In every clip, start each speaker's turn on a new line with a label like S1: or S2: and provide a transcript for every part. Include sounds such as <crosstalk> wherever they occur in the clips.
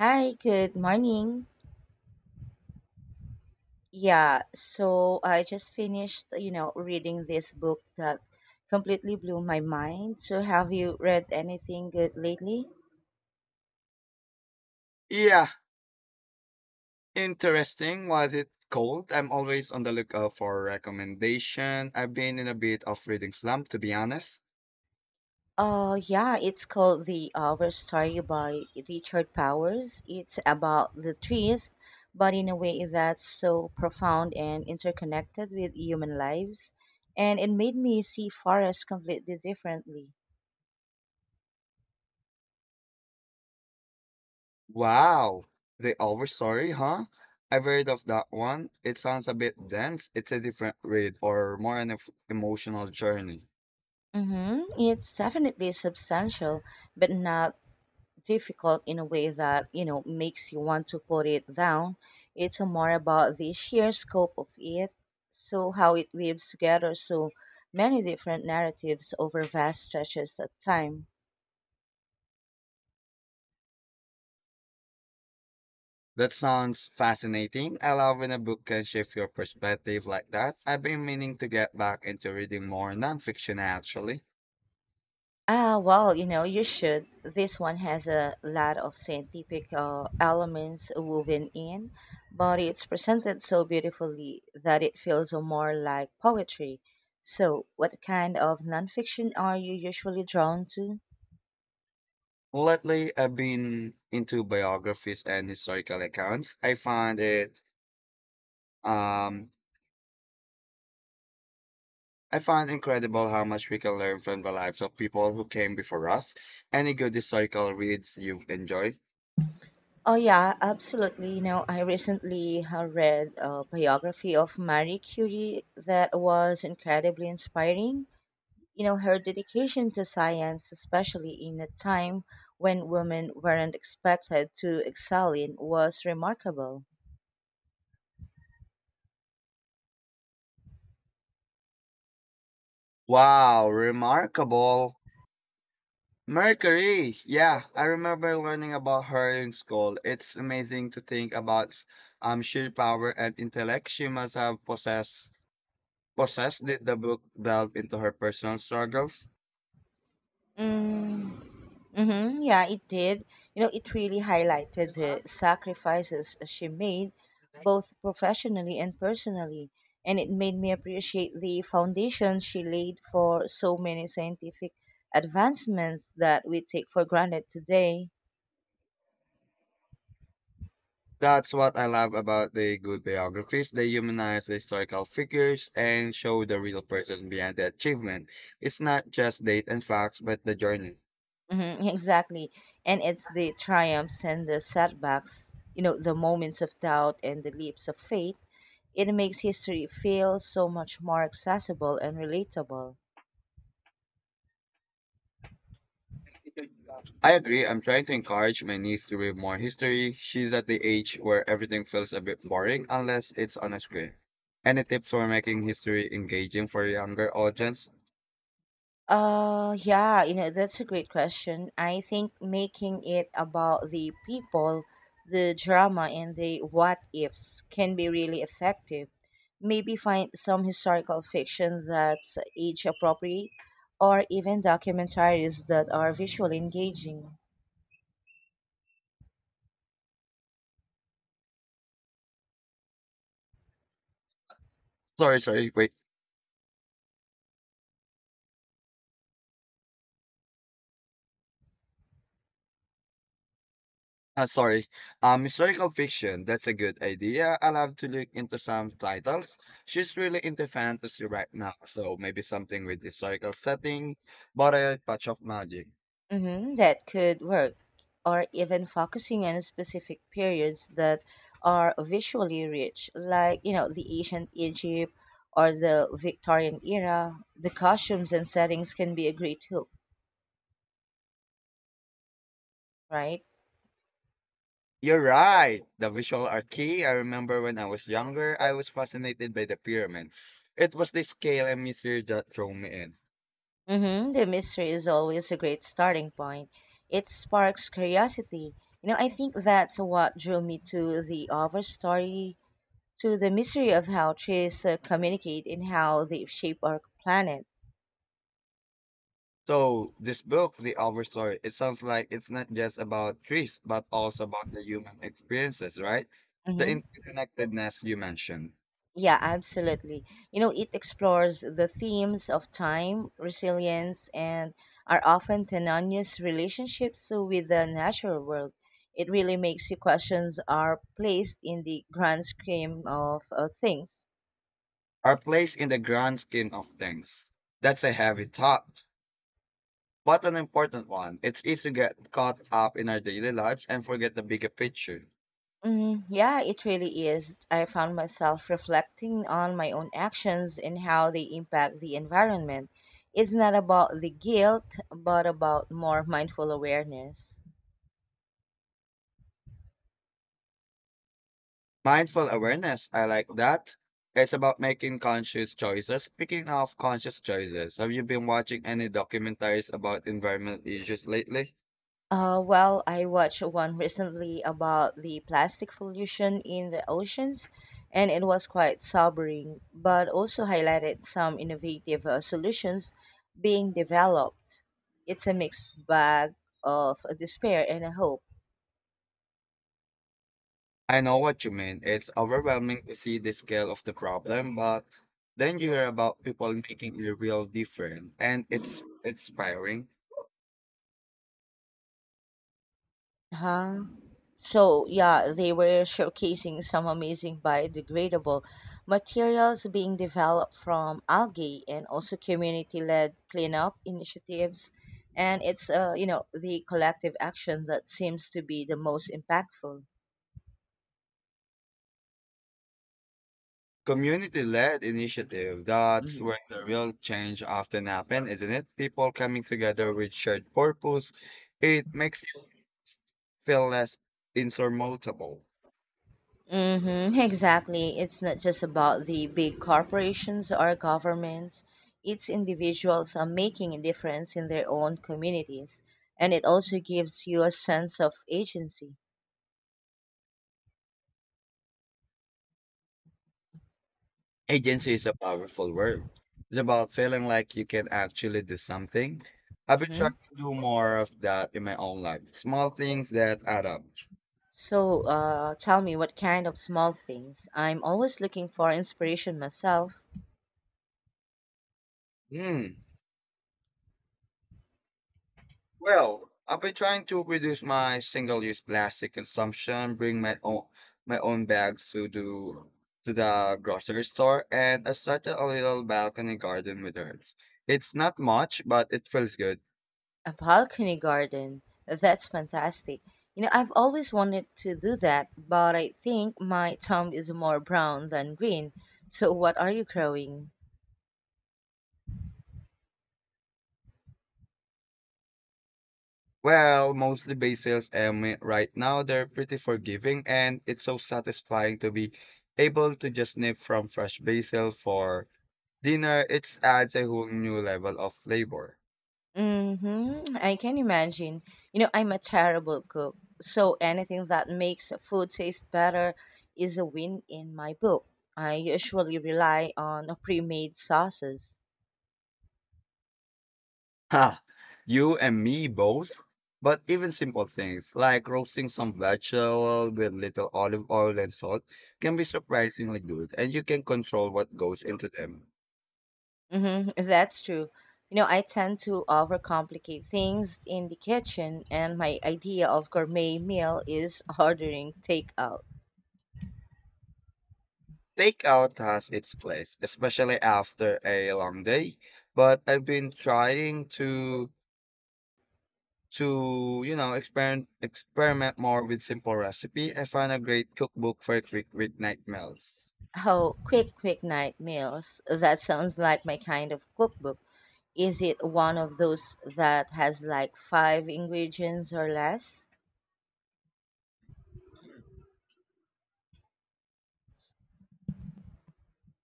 S1: Hi, good morning. Yeah, so I just finished, reading this book that completely blew my mind. So have you read anything good lately?
S2: Yeah, interesting. Was it cold? I'm always on the lookout for a recommendation. I've been in a bit of reading slump, to be honest.
S1: Yeah, it's called The Our Story by Richard Powers. It's about the trees, but in a way that's so profound and interconnected with human lives. And it made me see forests completely differently.
S2: Wow, the Overstory, huh? I've heard of that one. It sounds a bit dense. It's a different read or more an emotional journey.
S1: Mm-hmm. It's definitely substantial, but not difficult in a way that makes you want to put it down. It's more about the sheer scope of it, so how it weaves together so many different narratives over vast stretches of time.
S2: That sounds fascinating. I love when a book can shift your perspective like that. I've been meaning to get back into reading more nonfiction actually.
S1: Ah, well, you know, you should. This one has a lot of scientific elements woven in, but it's presented so beautifully that it feels more like poetry. So what kind of nonfiction are you usually drawn to?
S2: Lately, I've been into biographies and historical accounts. Um, I find incredible how much we can learn from the lives of people who came before us. Any good historical reads you've enjoyed?
S1: Oh yeah, absolutely. You know, I recently read a biography of Marie Curie that was incredibly inspiring. You know, her dedication to science, especially in a time when women weren't expected to excel in, was remarkable.
S2: Wow, remarkable. Mercury. Yeah, I remember learning about her in school. It's amazing to think about sheer power and intellect she must have possessed. Possessed. Did the book delve into her personal struggles?
S1: Mm, Mm-hmm. Yeah, it did. You know, it really highlighted the sacrifices she made, both professionally and personally. And it made me appreciate the foundation she laid for so many scientific advancements that we take for granted today.
S2: That's what I love about the good biographies. They humanize the historical figures and show the real person behind the achievement. It's not just date and facts, but the journey.
S1: Mm-hmm. <laughs> Exactly. And it's the triumphs and the setbacks, the moments of doubt and the leaps of faith. It makes history feel so much more accessible and relatable.
S2: I agree. I'm trying to encourage my niece to read more history. She's at the age where everything feels a bit boring unless it's on a screen. Any tips for making history engaging for a younger audience?
S1: Yeah, you know, that's a great question. I think making it about the people, the drama, and the what ifs can be really effective. Maybe find some historical fiction that's age appropriate, or even documentaries that are visually engaging.
S2: Sorry, sorry. Wait. Sorry. Historical fiction. That's a good idea. I'll have to look into some titles. She's really into fantasy right now, so maybe something with historical setting, but a touch of magic.
S1: Hmm, that could work, or even focusing on specific periods that are visually rich, like you know the ancient Egypt or the Victorian era. The costumes and settings can be a great hook, right?
S2: You're right. The visual are key. I remember when I was younger, I was fascinated by the pyramid. It was the scale and mystery that drew me in.
S1: Mm-hmm. The mystery is always a great starting point. It sparks curiosity. You know, I think that's what drew me to the Over story, to the mystery of how trees communicate and how they shape our planet.
S2: So this book, The Overstory, it sounds like it's not just about trees, but also about the human experiences, right? The
S1: Mhm.
S2: interconnectedness you mentioned.
S1: Yeah, absolutely. You know, it explores the themes of time, resilience, and our often tenuous relationships with the natural world. It really makes you questions are placed in the grand scheme of things.
S2: Our place in the grand scheme of things. That's a heavy thought, but an important one. It's easy to get caught up in our daily lives and forget the bigger picture.
S1: Mm, yeah, it really is. I found myself reflecting on my own actions and how they impact the environment. It's not about the guilt, but about more mindful awareness.
S2: Mindful awareness, I like that. It's about making conscious choices. Speaking of conscious choices, have you been watching any documentaries about environmental issues lately?
S1: Well, I watched one recently about the plastic pollution in the oceans, and it was quite sobering, but also highlighted some innovative solutions being developed. It's a mixed bag of despair and hope.
S2: I know what you mean. It's overwhelming to see the scale of the problem, but then you hear about people making a real difference, and it's inspiring.
S1: Huh? So, yeah, they were showcasing some amazing biodegradable materials being developed from algae and also community led cleanup initiatives. And it's, you know, the collective action that seems to be the most impactful.
S2: Community-led initiative, that's
S1: Hmm.
S2: where the real change often happens, isn't it? People coming together with shared purpose, it makes you feel less insurmountable.
S1: Mm-hmm, exactly. It's not just about the big corporations or governments. It's individuals are making a difference in their own communities. And it also gives you a sense of agency.
S2: Agency is a powerful word. It's about feeling like you can actually do something. I've been trying
S1: Mm-hmm.
S2: to do more of that in my own life. Small things that add up.
S1: So, tell me what kind of small things. I'm always looking for inspiration myself.
S2: Hmm. Well, I've been trying to reduce my single-use plastic consumption, bring my own bags to the grocery store, and I started a little balcony garden with herbs. It's not much, but it feels good.
S1: A balcony garden. That's fantastic. You know, I've always wanted to do that, but I think my thumb is more brown than green. So, what are you growing?
S2: Well, mostly basils, and right now they're pretty forgiving, and it's so satisfying to be able to just nip from fresh basil for dinner. It adds a whole new level of flavor.
S1: Mm-hmm. I can imagine. You know, I'm a terrible cook, so anything that makes food taste better is a win in my book. I usually rely on pre-made sauces.
S2: Ha! You and me both. But even simple things like roasting some vegetable with little olive oil and salt can be surprisingly good, and you can control what goes into them.
S1: Mm-hmm, that's true. You know, I tend to overcomplicate things in the kitchen, and my idea of gourmet meal is <laughs> ordering takeout.
S2: Takeout has its place, especially after a long day. But I've been trying to experiment more with simple recipe. I found a great cookbook for quick weeknight meals.
S1: Oh, quick night meals. That sounds like my kind of cookbook. Is it one of those that has like five ingredients or less?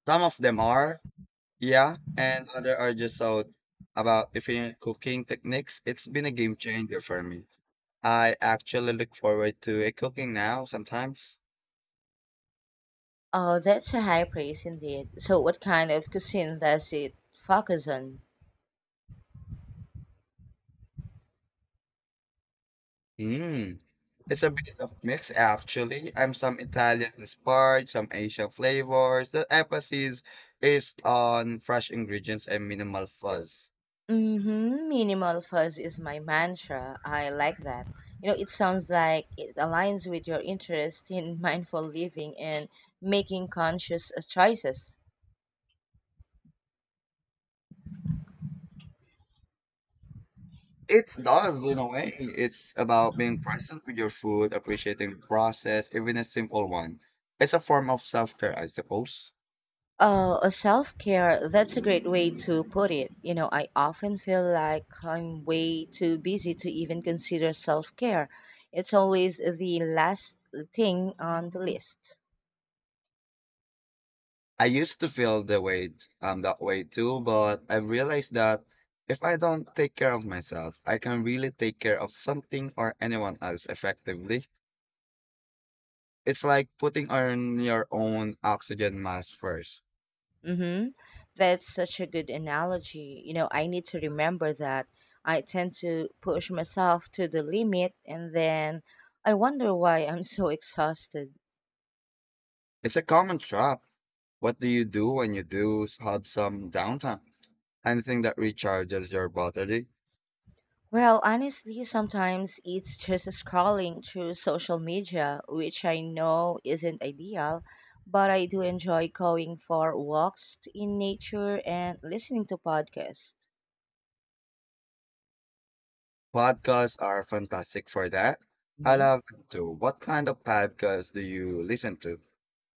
S2: Some of them are. Yeah, and other are just out about different cooking techniques. It's been a game changer for me. I actually look forward to a cooking now sometimes.
S1: Oh, that's a high praise indeed. So, what kind of cuisine does it focus on?
S2: Mm. It's a bit of mix actually. I'm some Italian inspired, some Asian flavors. The emphasis is on fresh ingredients and minimal fuzz.
S1: Mm-hmm. Minimal fuzz is my mantra. I like that. You know, it sounds like it aligns with your interest in <laughs> mindful living and making conscious choices.
S2: It does in a way. It's about being present with your food, appreciating the process, even a simple one. It's a form of self-care, I suppose.
S1: Self-care, that's a great way to put it. You know, I often feel like I'm way too busy to even consider self-care. It's always the last thing on the list.
S2: I used to feel the way that way too, but I realized that if I don't take care of myself, I can really take care of something or anyone else effectively. It's like putting on your own oxygen mask first.
S1: Mm-hmm. That's such a good analogy. You know, I need to remember that I tend to push myself to the limit and then I wonder why I'm so exhausted.
S2: It's a common trap. What do you do when you do have some downtime? Anything that recharges your battery.
S1: Well, honestly, sometimes it's just scrolling through social media, which I know isn't ideal, but I do enjoy going for walks in nature and listening to podcasts.
S2: Podcasts are fantastic for that. I love them too. What kind of podcasts do you listen to?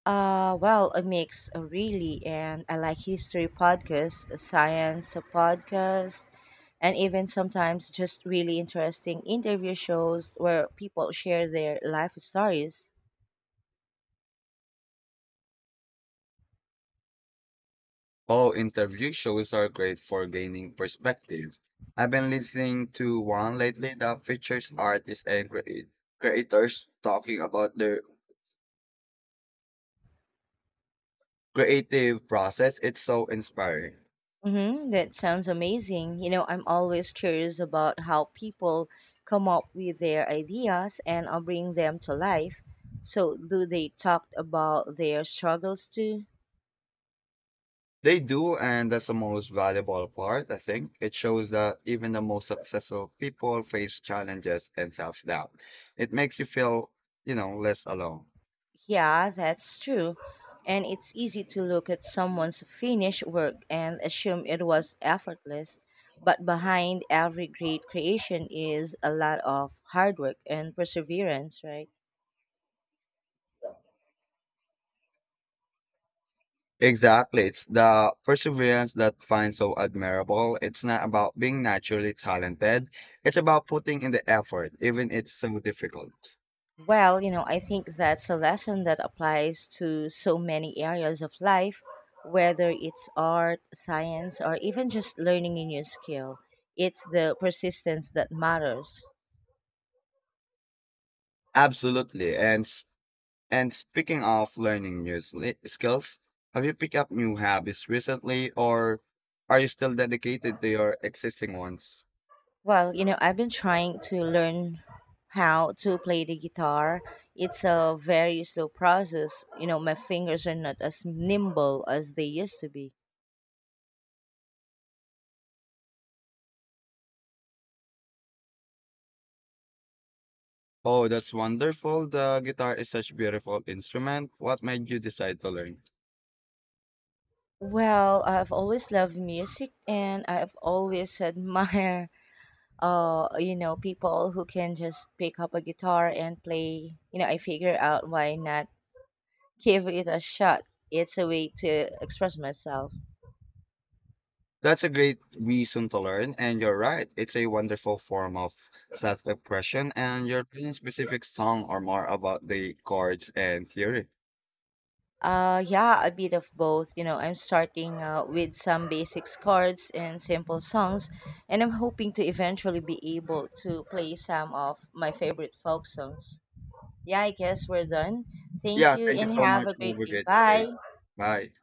S1: Well, a mix really, and I like history podcasts, science podcasts, and even sometimes just really interesting interview shows where people share their life stories.
S2: Oh, interview shows are great for gaining perspective. I've been listening to one lately that features creators talking about their creative process. It's so inspiring.
S1: Mm-hmm, that sounds amazing. You know, I'm always curious about how people come up with their ideas and bring them to life. So, do they talk about their struggles too?
S2: They do, and that's the most valuable part, I think. It shows that even the most successful people face challenges and self doubt. It makes you feel, less alone.
S1: Yeah, that's true. And it's easy to look at someone's finished work and assume it was effortless. But behind every great creation is a lot of hard work and perseverance, right?
S2: Exactly. It's the perseverance that finds so admirable. It's not about being naturally talented. It's about putting in the effort, even it's so difficult.
S1: Well, you know, I think that's a lesson that applies to so many areas of life, whether it's art, science, or even just learning a new skill. It's the persistence that matters.
S2: Absolutely. And speaking of learning new skills, have you picked up new habits recently, or are you still dedicated to your existing ones?
S1: Well, you know, I've been trying to learn how to play the guitar. It's a very slow process. You know, my fingers are not as nimble as they used to be.
S2: Oh, that's wonderful. The guitar is such a beautiful instrument. What made you decide to learn?
S1: Well, I've always loved music and I've always <laughs> admired you know, people who can just pick up a guitar and play. You know, I figure out why not give it a shot. It's a way to express myself.
S2: That's a great reason to learn, and you're right. It's a wonderful form of self-expression, and your learning specific song are more about the chords and theory.
S1: Yeah, a bit of both. You know, I'm starting with some basics chords and simple songs, and I'm hoping to eventually be able to play some of my favorite folk songs. Yeah, I guess we're done. Thank
S2: Yeah,
S1: you
S2: thank you
S1: and
S2: so
S1: have
S2: much.
S1: a great
S2: Have a
S1: day.
S2: great day.
S1: Bye.
S2: Bye.